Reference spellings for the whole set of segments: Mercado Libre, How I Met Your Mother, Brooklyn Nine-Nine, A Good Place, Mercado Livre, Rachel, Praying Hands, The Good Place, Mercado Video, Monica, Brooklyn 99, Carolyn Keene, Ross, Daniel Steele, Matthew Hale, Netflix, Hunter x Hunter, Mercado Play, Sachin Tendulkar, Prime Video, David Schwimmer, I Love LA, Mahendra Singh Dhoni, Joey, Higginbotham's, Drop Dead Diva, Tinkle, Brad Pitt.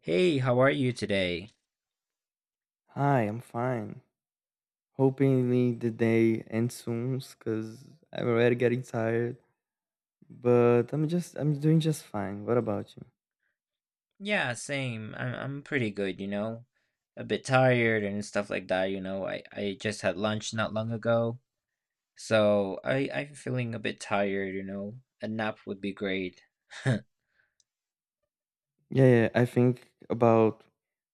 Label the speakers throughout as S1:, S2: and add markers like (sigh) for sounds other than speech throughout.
S1: Hey, how are you today?
S2: Hi, I'm fine. Hopefully the day ends soon because I'm already getting tired. But I'm doing just fine. What about you?
S1: Yeah, same. I'm pretty good, you know. A bit tired and stuff like that, you know. I just had lunch not long ago, so I'm feeling a bit tired, you know. A nap would be great. (laughs)
S2: Yeah, yeah. I think about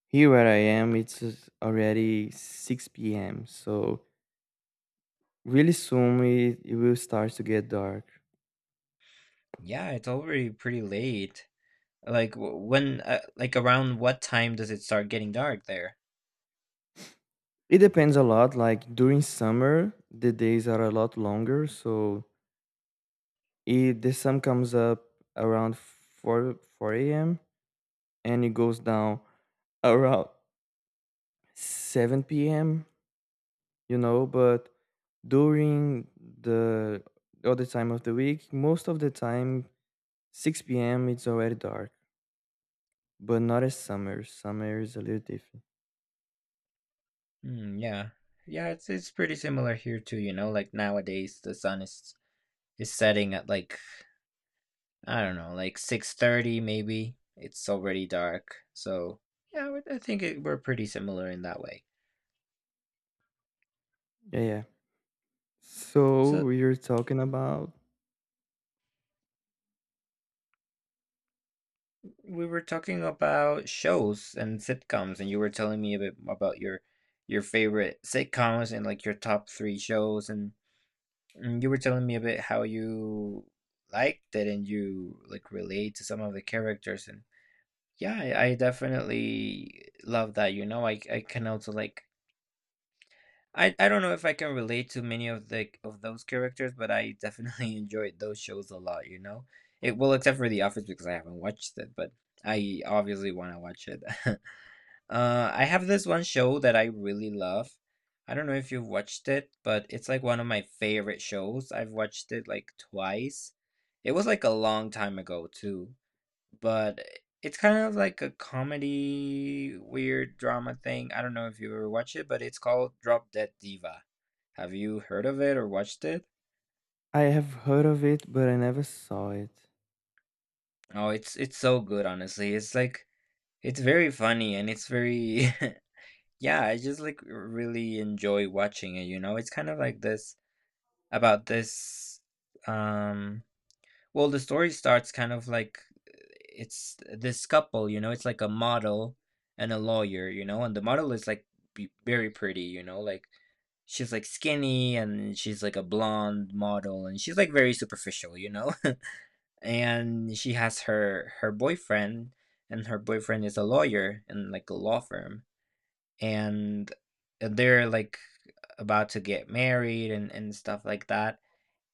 S2: here where I am, it's just already 6 p.m. So really soon it will start to get dark.
S1: Yeah, it's already pretty late. Like w- when like around what time does it start getting dark there?
S2: It depends a lot. Like during summer, the days are a lot longer. So it, the sun comes up around 4 a.m. and it goes down (laughs) around 7 p.m., you know, but during the other time of the week, most of the time, 6 p.m., it's already dark, but not as summer. Summer is a little different.
S1: Hmm, yeah. Yeah, it's pretty similar here too, you know. Like nowadays the sun is setting at like I don't know, like 6:30 maybe. It's already dark. So, yeah, I think we're pretty similar in that way.
S2: Yeah, yeah. So
S1: So,
S2: we are talking about.
S1: we were talking about shows and sitcoms and you were telling me a bit about your favorite sitcoms and like your top 3 shows and you were telling me a bit how you liked it and you like relate to some of the characters and yeah, I definitely love that. You know, I can also like, I don't know if I can relate to many of the of those characters, but I definitely (laughs) enjoyed those shows a lot, you know? It well, except for The Office because I haven't watched it, but I obviously want to watch it. (laughs) I have this one show that I really love. I don't know if you've watched it, but it's like one of my favorite shows. I've watched it like twice. It was like a long time ago too. But it's kind of like a comedy, weird drama thing. I don't know if you ever watch it, but it's called Drop Dead Diva. Have you heard of it or watched it?
S2: I have heard of it, but I never saw it.
S1: Oh, it's so good, honestly. It's like it's very funny and it's very (laughs) yeah, I just like really enjoy watching it, you know? It's kind of like this about this um well, the story starts kind of like it's this couple, you know, it's like a model and a lawyer, you know, and the model is like very pretty, you know, like she's like skinny and she's like a blonde model and she's like very superficial, you know. (laughs) And she has her boyfriend and her boyfriend is a lawyer in like a law firm and they're like about to get married and stuff like that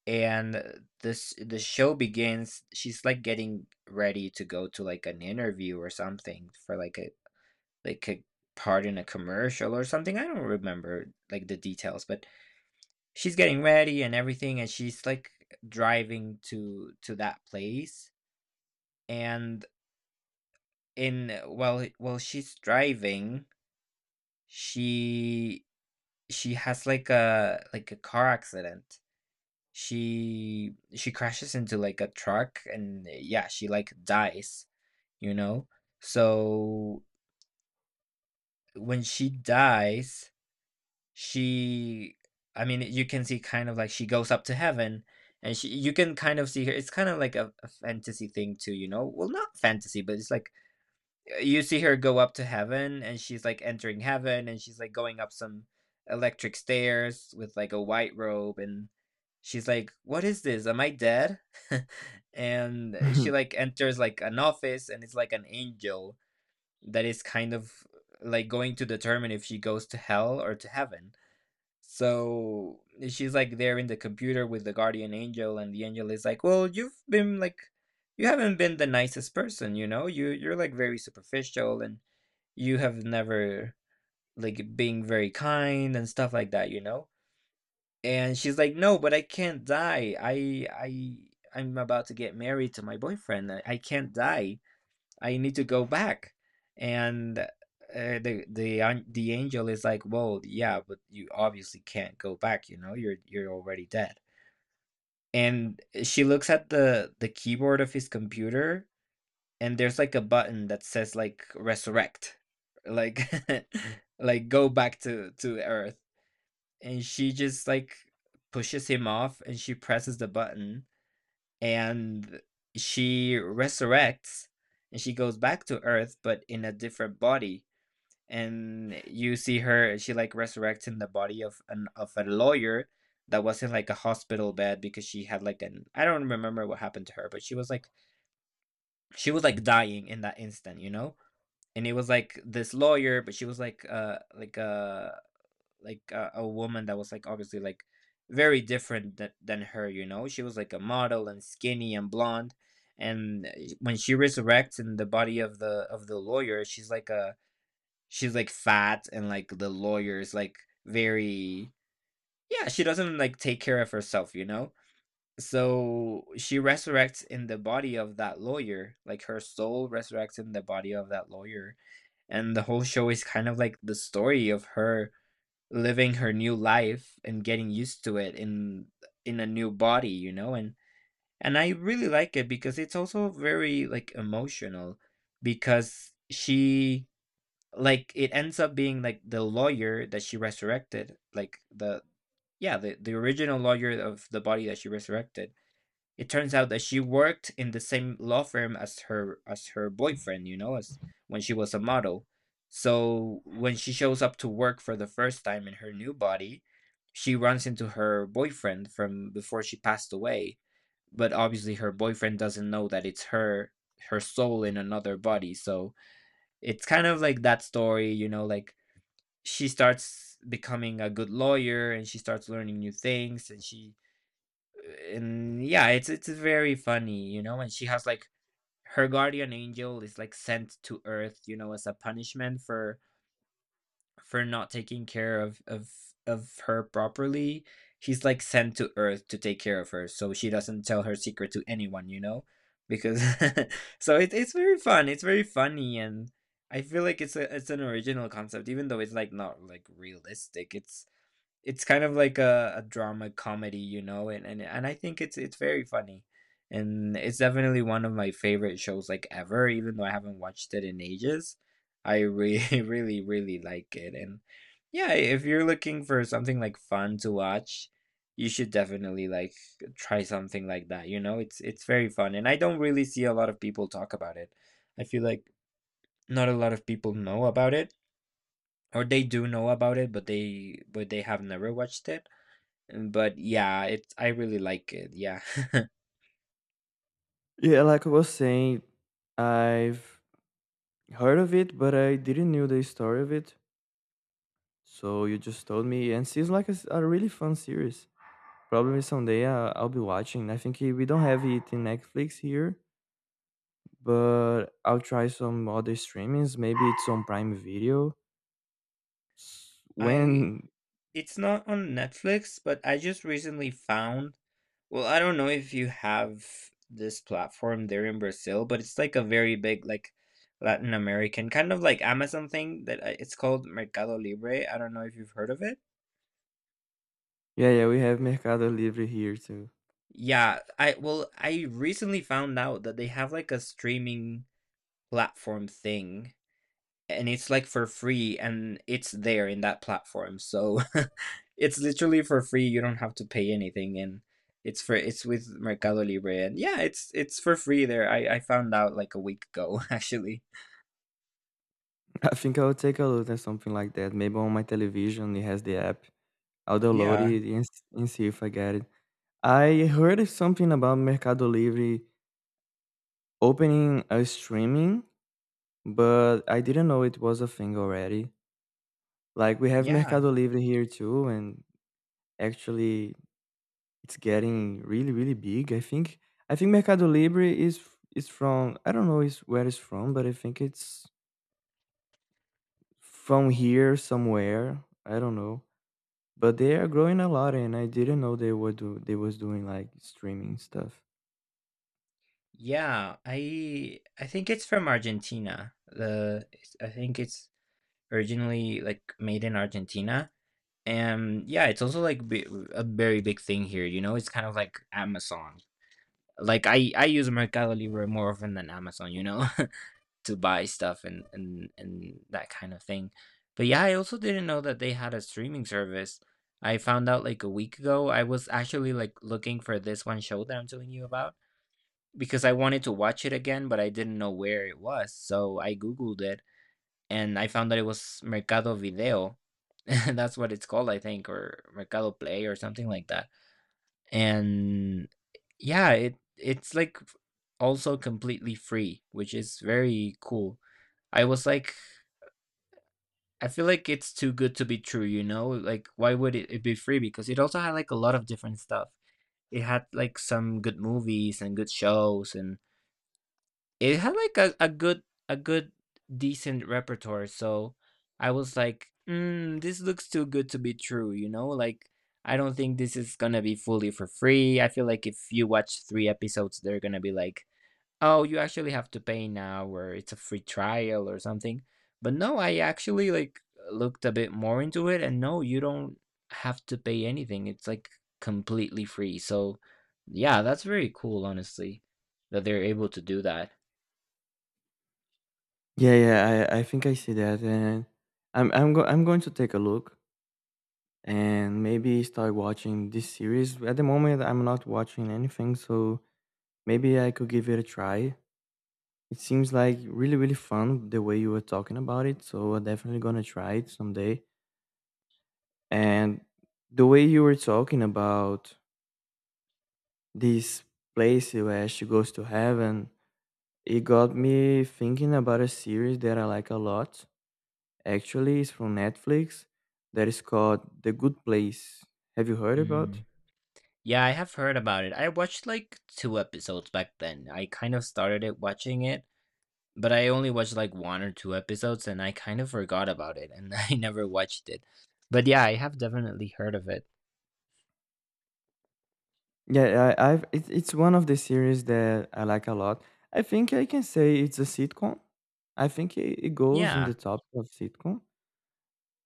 S1: and this the show begins, she's, like, getting ready to go to, like, an interview or something for, like, a part in a commercial or something, I don't remember, like, the details, but she's getting ready and everything, and she's, like, driving to that place, and in while she's driving, she she has, like, a car accident. She crashes into, like, a truck and yeah, she, like, dies, you know? So, when she dies, she, I mean, you can see kind of, like, she goes up to heaven, and she you can kind of see her. It's kind of like a fantasy thing too, you know? Well, not fantasy, but it's like you see her go up to heaven and she's like entering heaven and she's like going up some electric stairs with like a white robe and she's like, "What is this? Am I dead?" (laughs) And she like
S2: (laughs)
S1: enters like an office and it's like an angel that is kind of like going to determine if she goes to hell or to heaven. So she's like there in the computer with the guardian angel and the angel is like, "Well, you've been like you haven't been the nicest person, you know. You're like very superficial and you have never like being very kind and stuff like that, you know?" And she's like, "No, but I can't die. I I'm about to get married to my boyfriend. I can't die. I need to go back." And the angel is like, "Well, yeah, but you obviously can't go back, you know? You're already dead." And she looks at the keyboard of his computer and there's like a button that says like resurrect, like (laughs) like go back to Earth. And she just like pushes him off and she presses the button and she resurrects and she goes back to Earth but in a different body. And you see her she like resurrects in the body of an of a lawyer that was in like a hospital bed because she had like an I don't remember what happened to her, but she was like dying in that instant, you know? And it was like this lawyer, but she was like, like a woman that was like obviously like very different than her. You know, she was like a model and skinny and blonde. And when she resurrects in the body of the lawyer, she's like a she's like fat and like the lawyer is like very yeah. She doesn't like take care of herself. You know. So she resurrects in the body of that lawyer, like her soul resurrects in the body of that lawyer and the whole show is kind of like the story of her living her new life and getting used to it in a new body, you know. And I really like it because it's also very like emotional because she, it ends up being like the lawyer that she resurrected, like the original lawyer of the body that she resurrected. It turns out that she worked in the same law firm as her boyfriend, you know, as when she was a model. So when she shows up to work for the first time in her new body, she runs into her boyfriend from before she passed away. But obviously her boyfriend doesn't know that it's her soul in another body. So it's kind of like that story, you know, like she starts becoming a good lawyer and she starts learning new things and yeah, it's very funny, you know. And she has like her guardian angel is like sent to Earth, you know, as a punishment for not taking care of her properly. She's like sent to Earth to take care of her, so she doesn't tell her secret to anyone, you know, because (laughs) so it's very fun. It's very funny, and I feel like it's an original concept, even though it's like not like realistic. It's kind of like a drama comedy, you know, and I think it's very funny. And it's definitely one of my favorite shows like ever, even though I haven't watched it in ages. I really, (laughs) really, really like it. And yeah, if you're looking for something like fun to watch, you should definitely like try something like that. You know, it's very fun. And I don't really see a lot of people talk about it. I feel like not a lot of people know about it or they do know about it but they have never watched it. Mm. But yeah, it's I really like it. Yeah.
S2: Yeah, like I was saying, I've heard of it, but I didn't know the story of it. So you just told me, and seems like a, s- a really fun series. Probably someday I'll be watching. I think we don't have it in Netflix here, but I'll try some other streamings. Maybe it's on Prime Video. S-
S1: (laughs) I
S2: When
S1: it's not on Netflix, but I just recently found, well, I don't know if you have this platform there in Brazil, but it's like a very big like Latin American kind of like Amazon thing that I, it's called Mercado Libre. I don't know if you've heard of it.
S2: yeah, yeah, we have Mercado Livre here too.
S1: Yeah, I well, I recently found out that they have like a streaming platform thing and it's like for free and it's there in that platform. So (laughs) it's literally for free. You don't have to pay anything and it's with Mercado Libre and yeah, it's for free there. I found out like a week ago (laughs) actually.
S2: (laughs) I think I'll take a look at something like that. Maybe on my television it has the app. I'll download
S1: Yeah.
S2: it and, s- and see if I get it. I heard something about Mercado Livre opening a streaming, but I didn't know it was a thing already. Like we have
S1: Yeah.
S2: Mercado Livre here too, and actually, it's getting really, really big. I think Mercado Libre is f- is from I don't know is where it's from, but I think it's from here somewhere. I don't know, but they are growing a lot, and I didn't know they were do they was doing like streaming stuff.
S1: Yeah. I think it's from Argentina. I think it's originally like made in Argentina. And yeah, it's also a very big thing here, you know? It's kind of like Amazon, like I use Mercado Libre more often than Amazon, you know, (laughs) to buy stuff and and that kind of thing. But yeah, I also didn't know that they had a streaming service. I found out like a week ago. I was actually like looking for this one show that I'm telling you about because I wanted to watch it again, but I didn't know where it was. So I googled it and I found that it was Mercado Video. (laughs) That's what it's called, I think, or Mercado Play or something like that. And yeah, it's like also completely free, which is very cool. I was like, I feel like it's too good to be true, you know? Like, why would it be free? Because it also had like a lot of different stuff. It had like some good movies and good shows, and it had like a good a good decent repertoire. So I was like, this looks too good to be true, you know? Like, I don't think this is gonna be fully for free. I feel like if you watch three episodes, they're gonna be like, oh, you actually have to pay now, or it's a free trial or something. But no, I actually like looked a bit more into it, and no, you don't have to pay anything. It's like completely free. So, yeah, that's very cool, honestly, that they're able to do that.
S2: Yeah, yeah, I think I see that, and I'm going to take a look and maybe start watching this series. At the moment, I'm not watching anything, so maybe I could give it a try. It seems like really, really fun the way you were talking about it. So I'm definitely gonna try it someday. And the way you were talking about this place where she goes to heaven, it got me thinking about a series that I like a lot. Actually, it's from Netflix that is called The Good Place. Have you heard about?
S1: Mm. Yeah, I have heard about it. I watched like two episodes back then. I kind of started it watching it, but I only watched like one or two episodes, and I kind of forgot about it, and (laughs) I never watched it. But yeah, I have definitely heard of it.
S2: Yeah, I've it, it's one of the series that I like a lot. I think I can say it's a sitcom. I think it, it goes in
S1: Yeah.
S2: the top of sitcom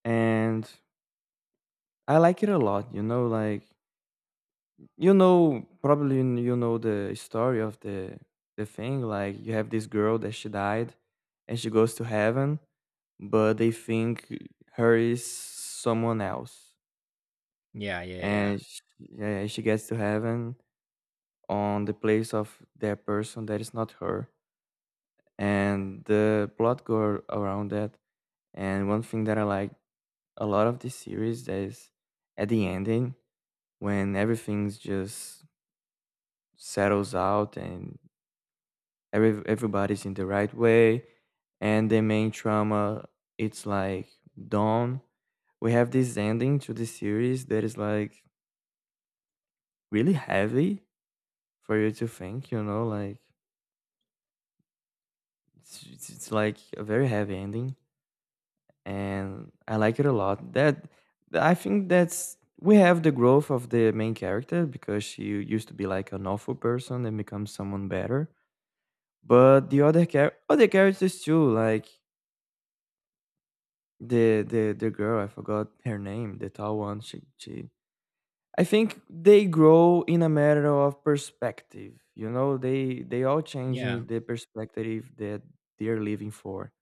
S2: and I like it a lot. You know, like you know, probably you know the story of the thing. Like you have this girl that she died, and she goes to heaven, but they think her is someone else,
S1: Yeah, yeah, yeah.
S2: and sh yeah, yeah, she gets to heaven on the place of that person that is not her, and the plot go around that. And one thing that I like a lot of this series that is at the ending, when everything's just settles out and every, everybody's in the right way and the main trauma it's like done, we have this ending to the series that is like really heavy for you to think, you know, like it's like a very heavy ending and I like it a lot that I think that's we have the growth of the main character because she used to be like an awful person and becomes someone better. But the other char- other characters too, like the girl, I forgot her name, the tall one. She she. I think they grow in a matter of perspective. You know, they all
S1: Yeah.
S2: changing the perspective that they're living for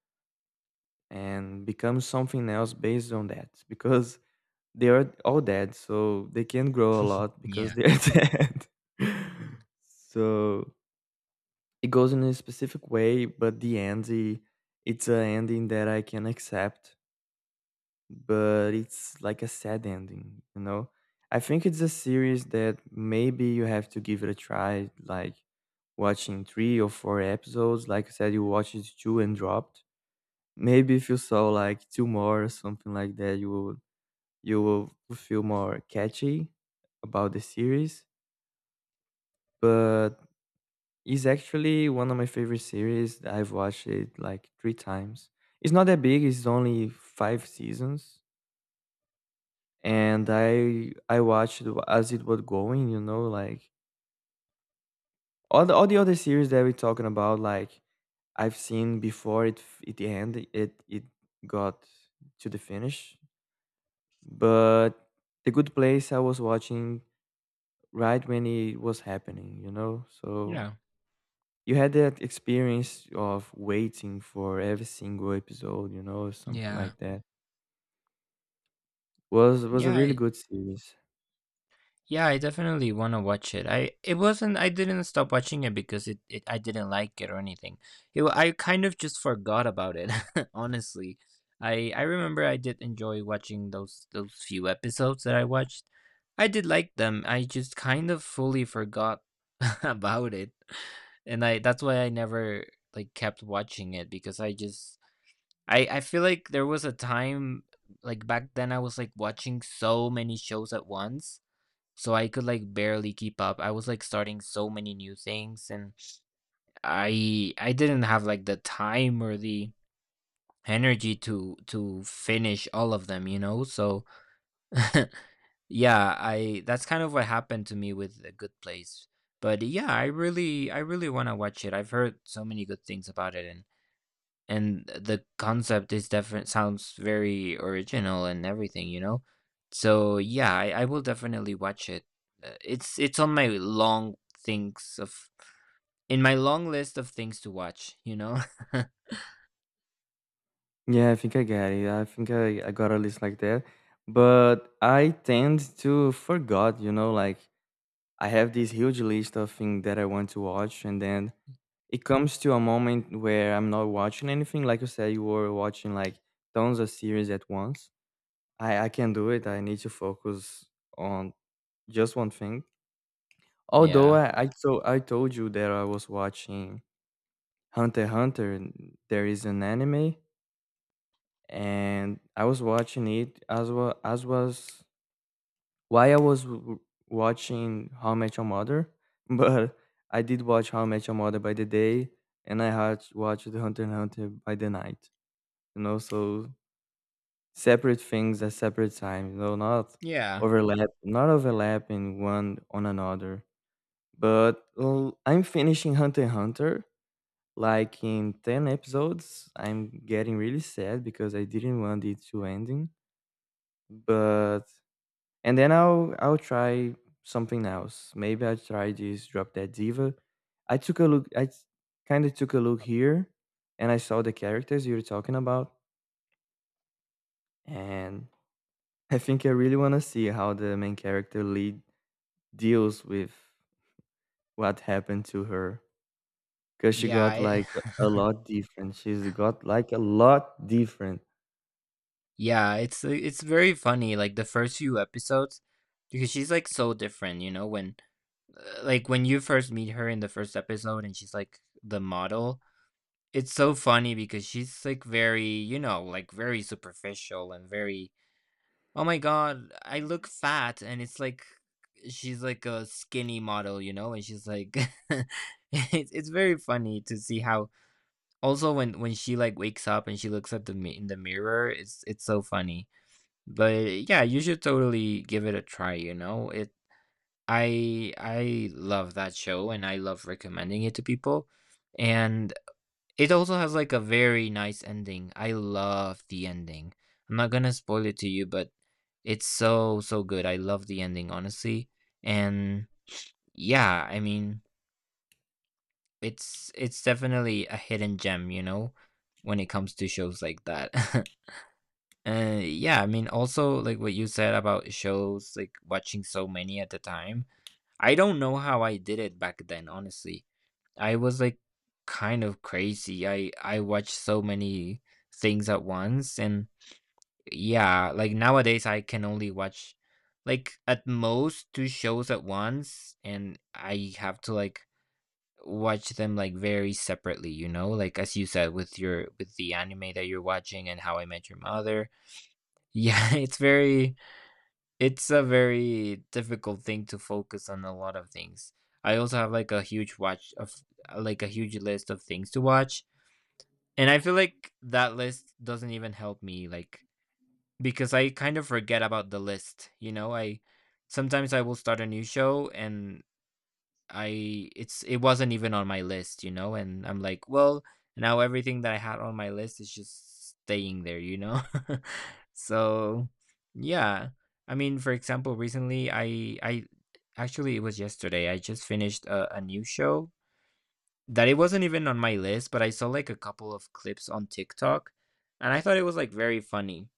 S2: and become something else based on that (laughs) because they are all dead, so they can't grow a lot because
S1: Yeah.
S2: they're (laughs) dead. (laughs) So it goes in a specific way, but the end, I- it's an ending that I can accept, but it's like a sad ending, you know? I think it's a series that maybe you have to give it a try, like watching three or four episodes. Like I said, you watched two and dropped. Maybe if you saw like two more or something like that, you will feel more catchy about the series. But it's actually one of my favorite series. I've watched it like three times. It's not that big. It's only five seasons, and I watched it as it was going. You know, like all the other series that we're talking about, like I've seen before it f- it ended. It got to the finish. But The Good Place I was watching right when it was happening. You know, so
S1: Yeah.
S2: you had that experience of waiting for every single episode, you know, something
S1: Yeah.
S2: like that. Was a
S1: Yeah,
S2: really
S1: I,
S2: good series.
S1: yeah, I definitely want to watch it. I it wasn't I didn't stop watching it because it I didn't like it or anything. I kind of just forgot about it, (laughs) honestly. I remember I did enjoy watching those few episodes that I watched. I did like them. I just kind of fully forgot (laughs) about it. And I that's why I never like kept watching it because I just I feel like there was a time, like, back then I was, like, watching so many shows at once, so I could, like, barely keep up. I was, like, starting so many new things, and I didn't have, like, the time or the energy to finish all of them, you know? So, (laughs) yeah, I that's kind of what happened to me with A Good Place. But yeah, I really wanna watch it. I've heard so many good things about it, and the concept is different, sounds very original and everything, you know? So yeah, I will definitely watch it. It's on my long things of in my long list of things to watch, you know? (laughs)
S2: Yeah, I think I got it. I think I got a list like that. But I tend to forgot, you know, like I have this huge list of things that I want to watch and then it comes to a moment where I'm not watching anything. Like you said, you were watching like tons of series at once. I can not do it. I need to focus on just one thing. Although
S1: Yeah,
S2: I so I told you that I was watching Hunter x Hunter, and there is an anime, and I was watching it as well as was while I was w- watching How I Met Your Mother, (laughs) but I did watch How I Met Your Mother by the day, and I had watched Hunter x Hunter by the night. You know, so separate things at separate times. You know, not
S1: yeah,
S2: overlap, not overlapping one on another. But l- I'm finishing Hunter x Hunter, like in 10 episodes, I'm getting really sad because I didn't want it to ending. But and then I'll try something else. Maybe I'll try this Drop Dead Diva. I took a look I kind of took a look here and I saw the characters you were talking about and (laughs) I think I really want to see how the main character lead deals with what happened to her because she
S1: yeah
S2: got
S1: it,
S2: like a
S1: (laughs)
S2: lot different. She's got like a lot different.
S1: Yeah it's very funny, like the first few episodes, because she's like so different, you know, when like when you first meet her in the first episode and she's like the model. It's so funny because she's like very, you know, like very superficial and very, oh my God, I look fat. And it's like, she's like a skinny model, you know? And she's like, (laughs) it's very funny to see how also when, she like wakes up and she looks at the in the mirror, it's so funny. But yeah, you should totally give it a try, you know? I love that show and I love recommending it to people. And it also has like a very nice ending. I love the ending. I'm not gonna spoil it to you, but it's so so good. I love the ending, honestly. And yeah, I mean, it's definitely a hidden gem, you know, when it comes to shows like that. (laughs) Yeah, I mean, also like what you said about shows, like watching so many at a time. I don't know how I did it back then, honestly. I was, like, kind of crazy. I watched so many things at once, and yeah, like, nowadays, I can only watch, like, at most 2 shows at once, and I have to, like, watch them, like, very separately, you know? Like, as you said, with your with the anime that you're watching and How I Met Your Mother. Yeah, (laughs) it's a very difficult thing to focus on a lot of things. I also have like a huge watch of like a huge list of things to watch, and I feel like that list doesn't even help me like because I kind of forget about the list, you know? I sometimes I will start a new show and I it wasn't even on my list, you know, and I'm like, well, now everything that I had on my list is just staying there, you know? (laughs) So, yeah. I mean, for example, recently I actually it was yesterday. I just finished a new show that it wasn't even on my list, but I saw like a couple of clips on TikTok and I thought it was like very funny.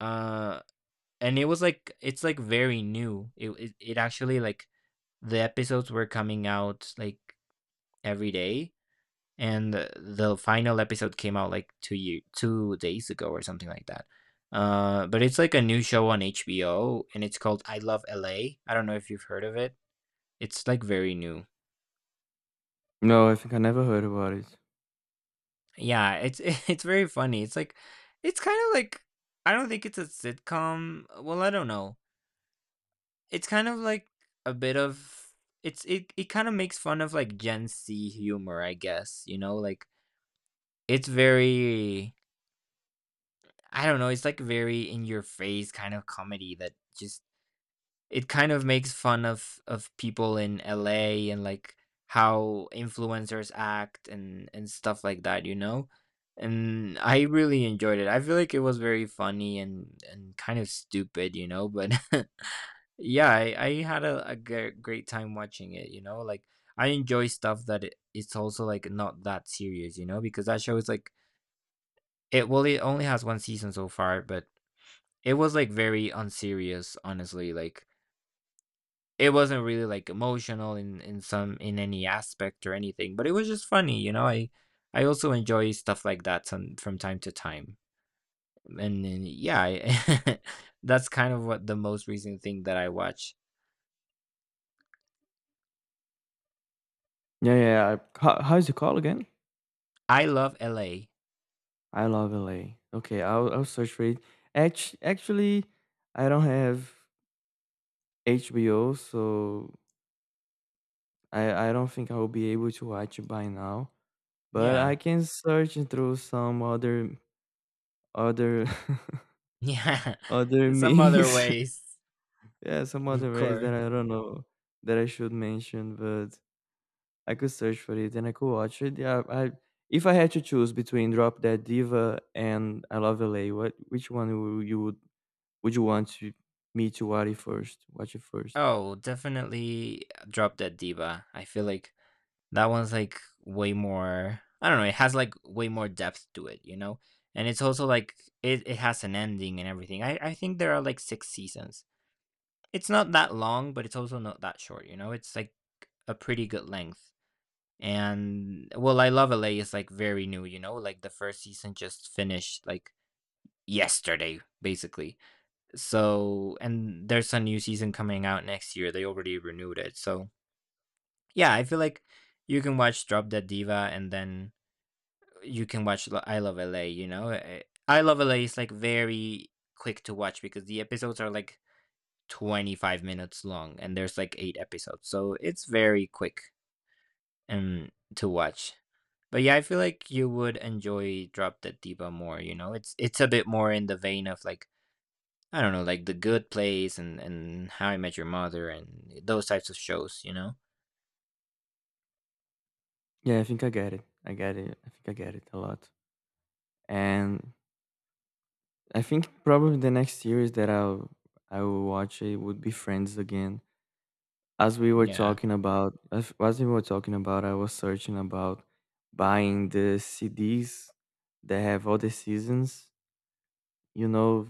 S1: Uh and it was like it's like very new. It actually like the episodes were coming out like every day. And the final episode came out like 2 days ago or something like that. But it's like a new show on HBO, and it's called I Love LA. I don't know if you've heard of it. It's like very new.
S2: No, I think I never heard about it.
S1: Yeah, it's (laughs) it's very funny. It's like it's kind of like I don't think it's a sitcom. Well, I don't know. It's kind of like a bit of it it kind of makes fun of like Gen Z humor, I guess. You know, like it's very I don't know, it's like very in your face kind of comedy that just it kind of makes fun of people in LA and like how influencers act and stuff like that, you know? And I really enjoyed it. I feel like it was very funny and kind of stupid, you know, but (laughs) yeah, I had a great time watching it, you know? Like I enjoy stuff that it's also like not that serious, you know, because that show is like it only has one season so far, but it was, like, very unserious, honestly, like, it wasn't really, like, emotional in any aspect or anything, but it was just funny, you know? I also enjoy stuff like that some from time to time, and then, yeah, I (laughs) that's kind of what the most recent thing that I watch.
S2: Yeah, yeah. Yeah, I, how, how's it called again?
S1: I love LA.
S2: I love LA. Okay, I'll search for it. Act- Actually, I don't have HBO, so I don't think I will be able to watch it by now. But
S1: Yeah.
S2: I
S1: (laughs)
S2: can search it through some other other
S1: Yeah.
S2: (laughs) other
S1: In some other
S2: means.
S1: ways,
S2: (laughs) Yeah, some
S1: of
S2: other ways
S1: course.
S2: that I don't know that I should mention, but I could search for it and I could watch it. Yeah, I if I had to choose between Drop Dead Diva and I Love LA, what which one would you want to, me to watch it first? Watch it first.
S1: Oh, definitely Drop Dead Diva. I feel like that one's like way more, I don't know, it has like way more depth to it, you know? And it's also like it has an ending and everything. I think there are like six seasons. It's not that long, but it's also not that short, you know? It's like a pretty good length. And well, I Love LA is like very new, you know? Like the first season just finished like yesterday, basically. So, and there's a new season coming out next year. They already renewed it. So, yeah, I feel like you can watch Drop Dead Diva and then you can watch I Love LA, you know? I Love LA is like very quick to watch because the episodes are like 25 minutes long and there's like eight episodes. So it's very quick um to watch. But yeah, I feel like you would enjoy Drop Dead Diva more, you know? It's a bit more in the vein of like I don't know, like The Good Place and How I Met Your Mother and those types of shows, you know?
S2: Yeah, I think I get it. I get it. I think I get it a lot. And I think probably the next series that I will watch it would be Friends again. As we were
S1: Yeah.
S2: talking about, as we were talking about, I was searching about buying the CDs that have all the seasons. You know,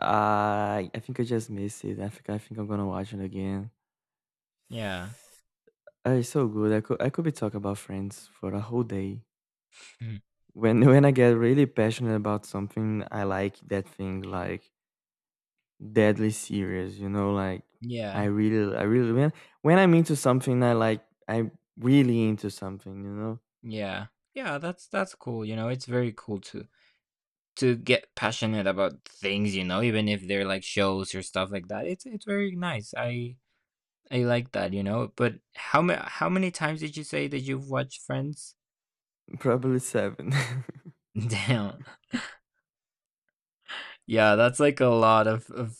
S2: I think I just missed it. I think I'm gonna watch it again.
S1: Yeah.
S2: It's so good. I could be talking about Friends for a whole day.
S1: Mhm.
S2: When (laughs) when I get really passionate about something, I like that thing like deadly serious. You know, like I
S1: Yeah.
S2: really I really when I'm into something, I like I'm really into something. You know,
S1: Yeah. Yeah, that's cool. You know, it's very cool to get passionate about things, you know, even if they're like shows or stuff like that. It's very nice. I like that, you know. But how many times did you say that you've watched Friends?
S2: probably seven. (laughs)
S1: (laughs) Damn. Yeah, that's like a lot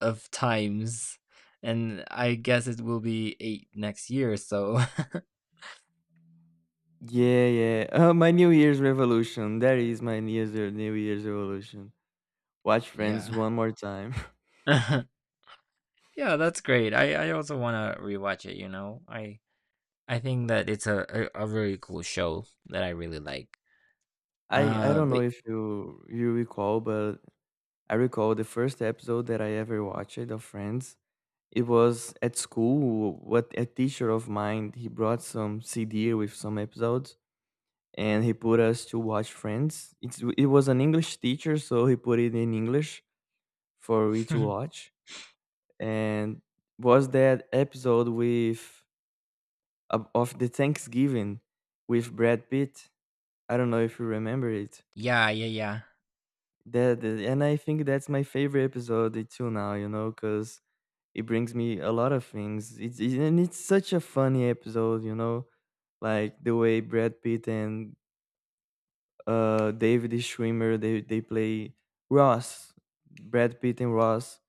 S1: of times. And I guess it will be 8 next year, so
S2: Yeah, yeah. My New Year's revolution. That is my New Year's New Year's revolution. Watch
S1: (laughs)
S2: Friends
S1: yeah.
S2: one more time.
S1: (laughs) yeah, that's great. I also want to rewatch it, you know. I think that it's a very cool show that I really like.
S2: I don't know
S1: But
S2: if you you recall, but I recall the first episode that I ever watched of Friends. It was at school. What a teacher of mine he brought some CD with some episodes, and he put us to watch Friends. It's it was an English teacher, so he put it in English for we to
S1: (laughs)
S2: watch. And was that episode with of the Thanksgiving with Brad Pitt? I don't know if you remember it.
S1: Yeah, yeah,
S2: That that- and I think that's my favorite episode too now, you know, because it brings me a lot of things. It's it, and it's such a funny episode, you know, like the way Brad Pitt and David Schwimmer they play Ross, Brad Pitt and Ross.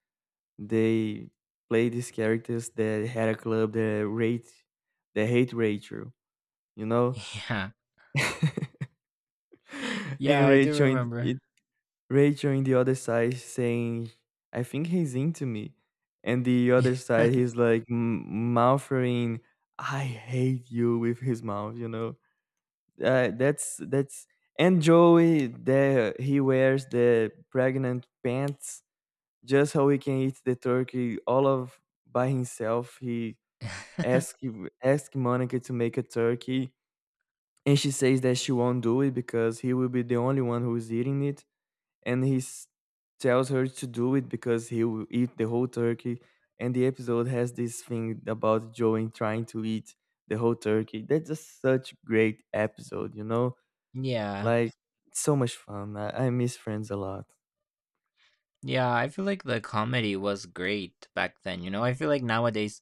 S2: They play these characters that had a club that rate they hate Rachel, you know.
S1: yeah. (laughs) Yeah.
S2: (laughs)
S1: Yeah,
S2: And
S1: I do
S2: Rachel
S1: remember.
S2: in- Rachel in the other side saying, I think he's into me. And the other side,
S1: (laughs)
S2: he's like m- mouthing, I hate you with his mouth, you know? That's, and Joey, the, he wears the pregnant pants just how he can eat the turkey all of by himself. He asked, asked Monica to make a turkey. And she says that she won't do it because he will be the only one who is eating it and he s- tells her to do it because he will eat the whole turkey. And the episode has this thing about Joey trying to eat the whole turkey. That's just such great episode, you know?
S1: Yeah.
S2: Like so much fun. I miss Friends a lot.
S1: Yeah, I feel like the comedy was great back then, you know? I feel like nowadays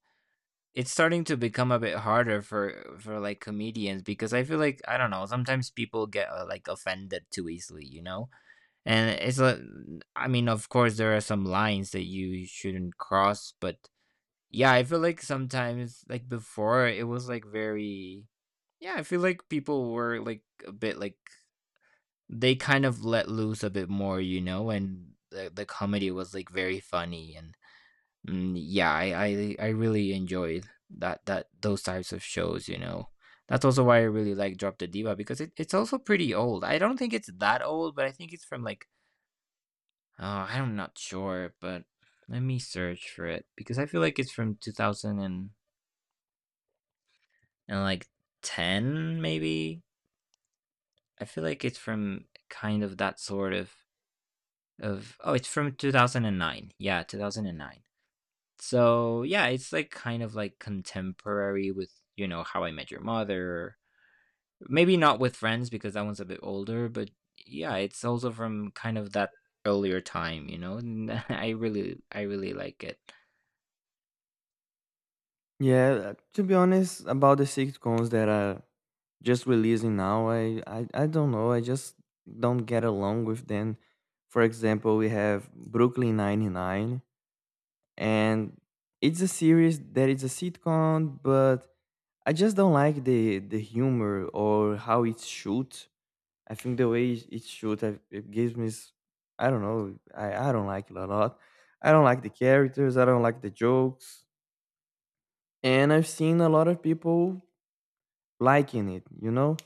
S1: it's starting to become a bit harder for like comedians because I feel like I don't know, sometimes people get like offended too easily, you know? And it's a I mean, of course there are some lines that you shouldn't cross, but yeah, I feel like sometimes, like before, it was like very yeah, I feel like people were like a bit like they kind of let loose a bit more, you know, and the comedy was like very funny and yeah, I I really enjoyed that that those types of shows, you know. That's also why I really like Drop the Diva because it's also pretty old. I don't think it's that old, but I think it's from like oh, I'm not sure, but let me search for it because I feel like it's from 2000 and like 10 maybe. I feel like it's from kind of that sort of, oh, it's from 2009, yeah, 2009. So yeah, it's like kind of like contemporary with, you know, How I Met Your Mother, maybe not with Friends because that one's a bit older, but yeah, it's also from kind of that earlier time, you know, and (laughs) I really like it.
S2: Yeah, to be honest, about the sitcoms that are just releasing now, I don't know. I just don't get along with them. For example, we have Brooklyn Nine Nine. And it's a series that is a sitcom, but I just don't like the humor or how it's shoot. I think the way it it's shoot, I, it gives me, s- I don't know, I don't like it a lot. I don't like the characters. I don't like the jokes, and I've seen a lot of people liking it, you know,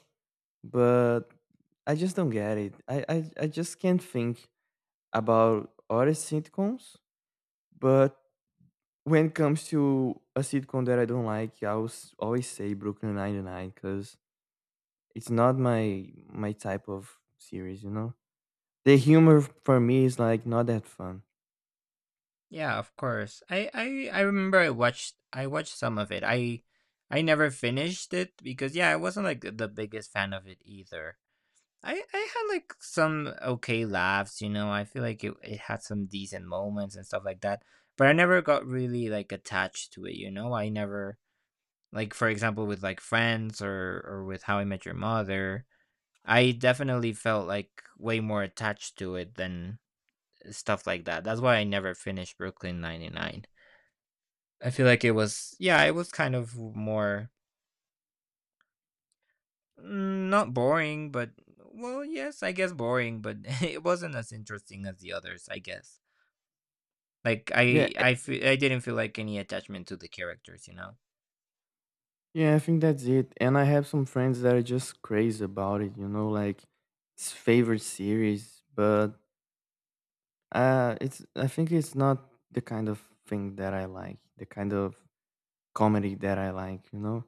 S2: but I just don't get it. I just can't think about other sitcoms, but when it comes to a sitcom that I don't like, I will s- always say Brooklyn Nine-Nine because it's not my my type of series, you know? The humor for me is like not that fun.
S1: Yeah, of course. I remember I watched some of it. I never finished it because yeah, I wasn't like the biggest fan of it either. I had like some okay laughs, you know. I feel like it had some decent moments and stuff like that, but I never got really like attached to it, you know. I never like for example with like Friends or with How I Met Your Mother, I definitely felt like way more attached to it than stuff like that. That's why I never finished Brooklyn 99. I feel like it was, yeah, it was kind of more not boring, but well, yes, I guess boring, but (laughs) it wasn't as interesting as the others, I guess. Like
S2: Yeah, e-
S1: I didn't feel like any attachment to the characters, you know.
S2: yeah, I think that's it. And I have some friends that are just crazy about it, you know, like it's favorite series, but it's I think it's not the kind of thing that I like, the kind of comedy that I like, you know?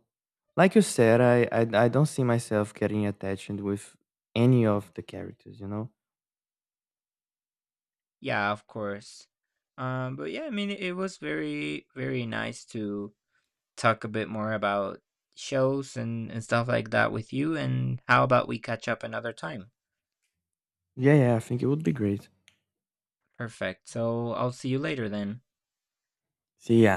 S2: Like you said, I don't see myself getting attached with any of the characters, you know?
S1: Yeah, of course. But yeah, I mean, it was very, very nice to talk a bit more about shows and stuff like that with you. And how about we catch up another time?
S2: Yeah, yeah, I think it would be great.
S1: Perfect. So I'll see you later then.
S2: See ya.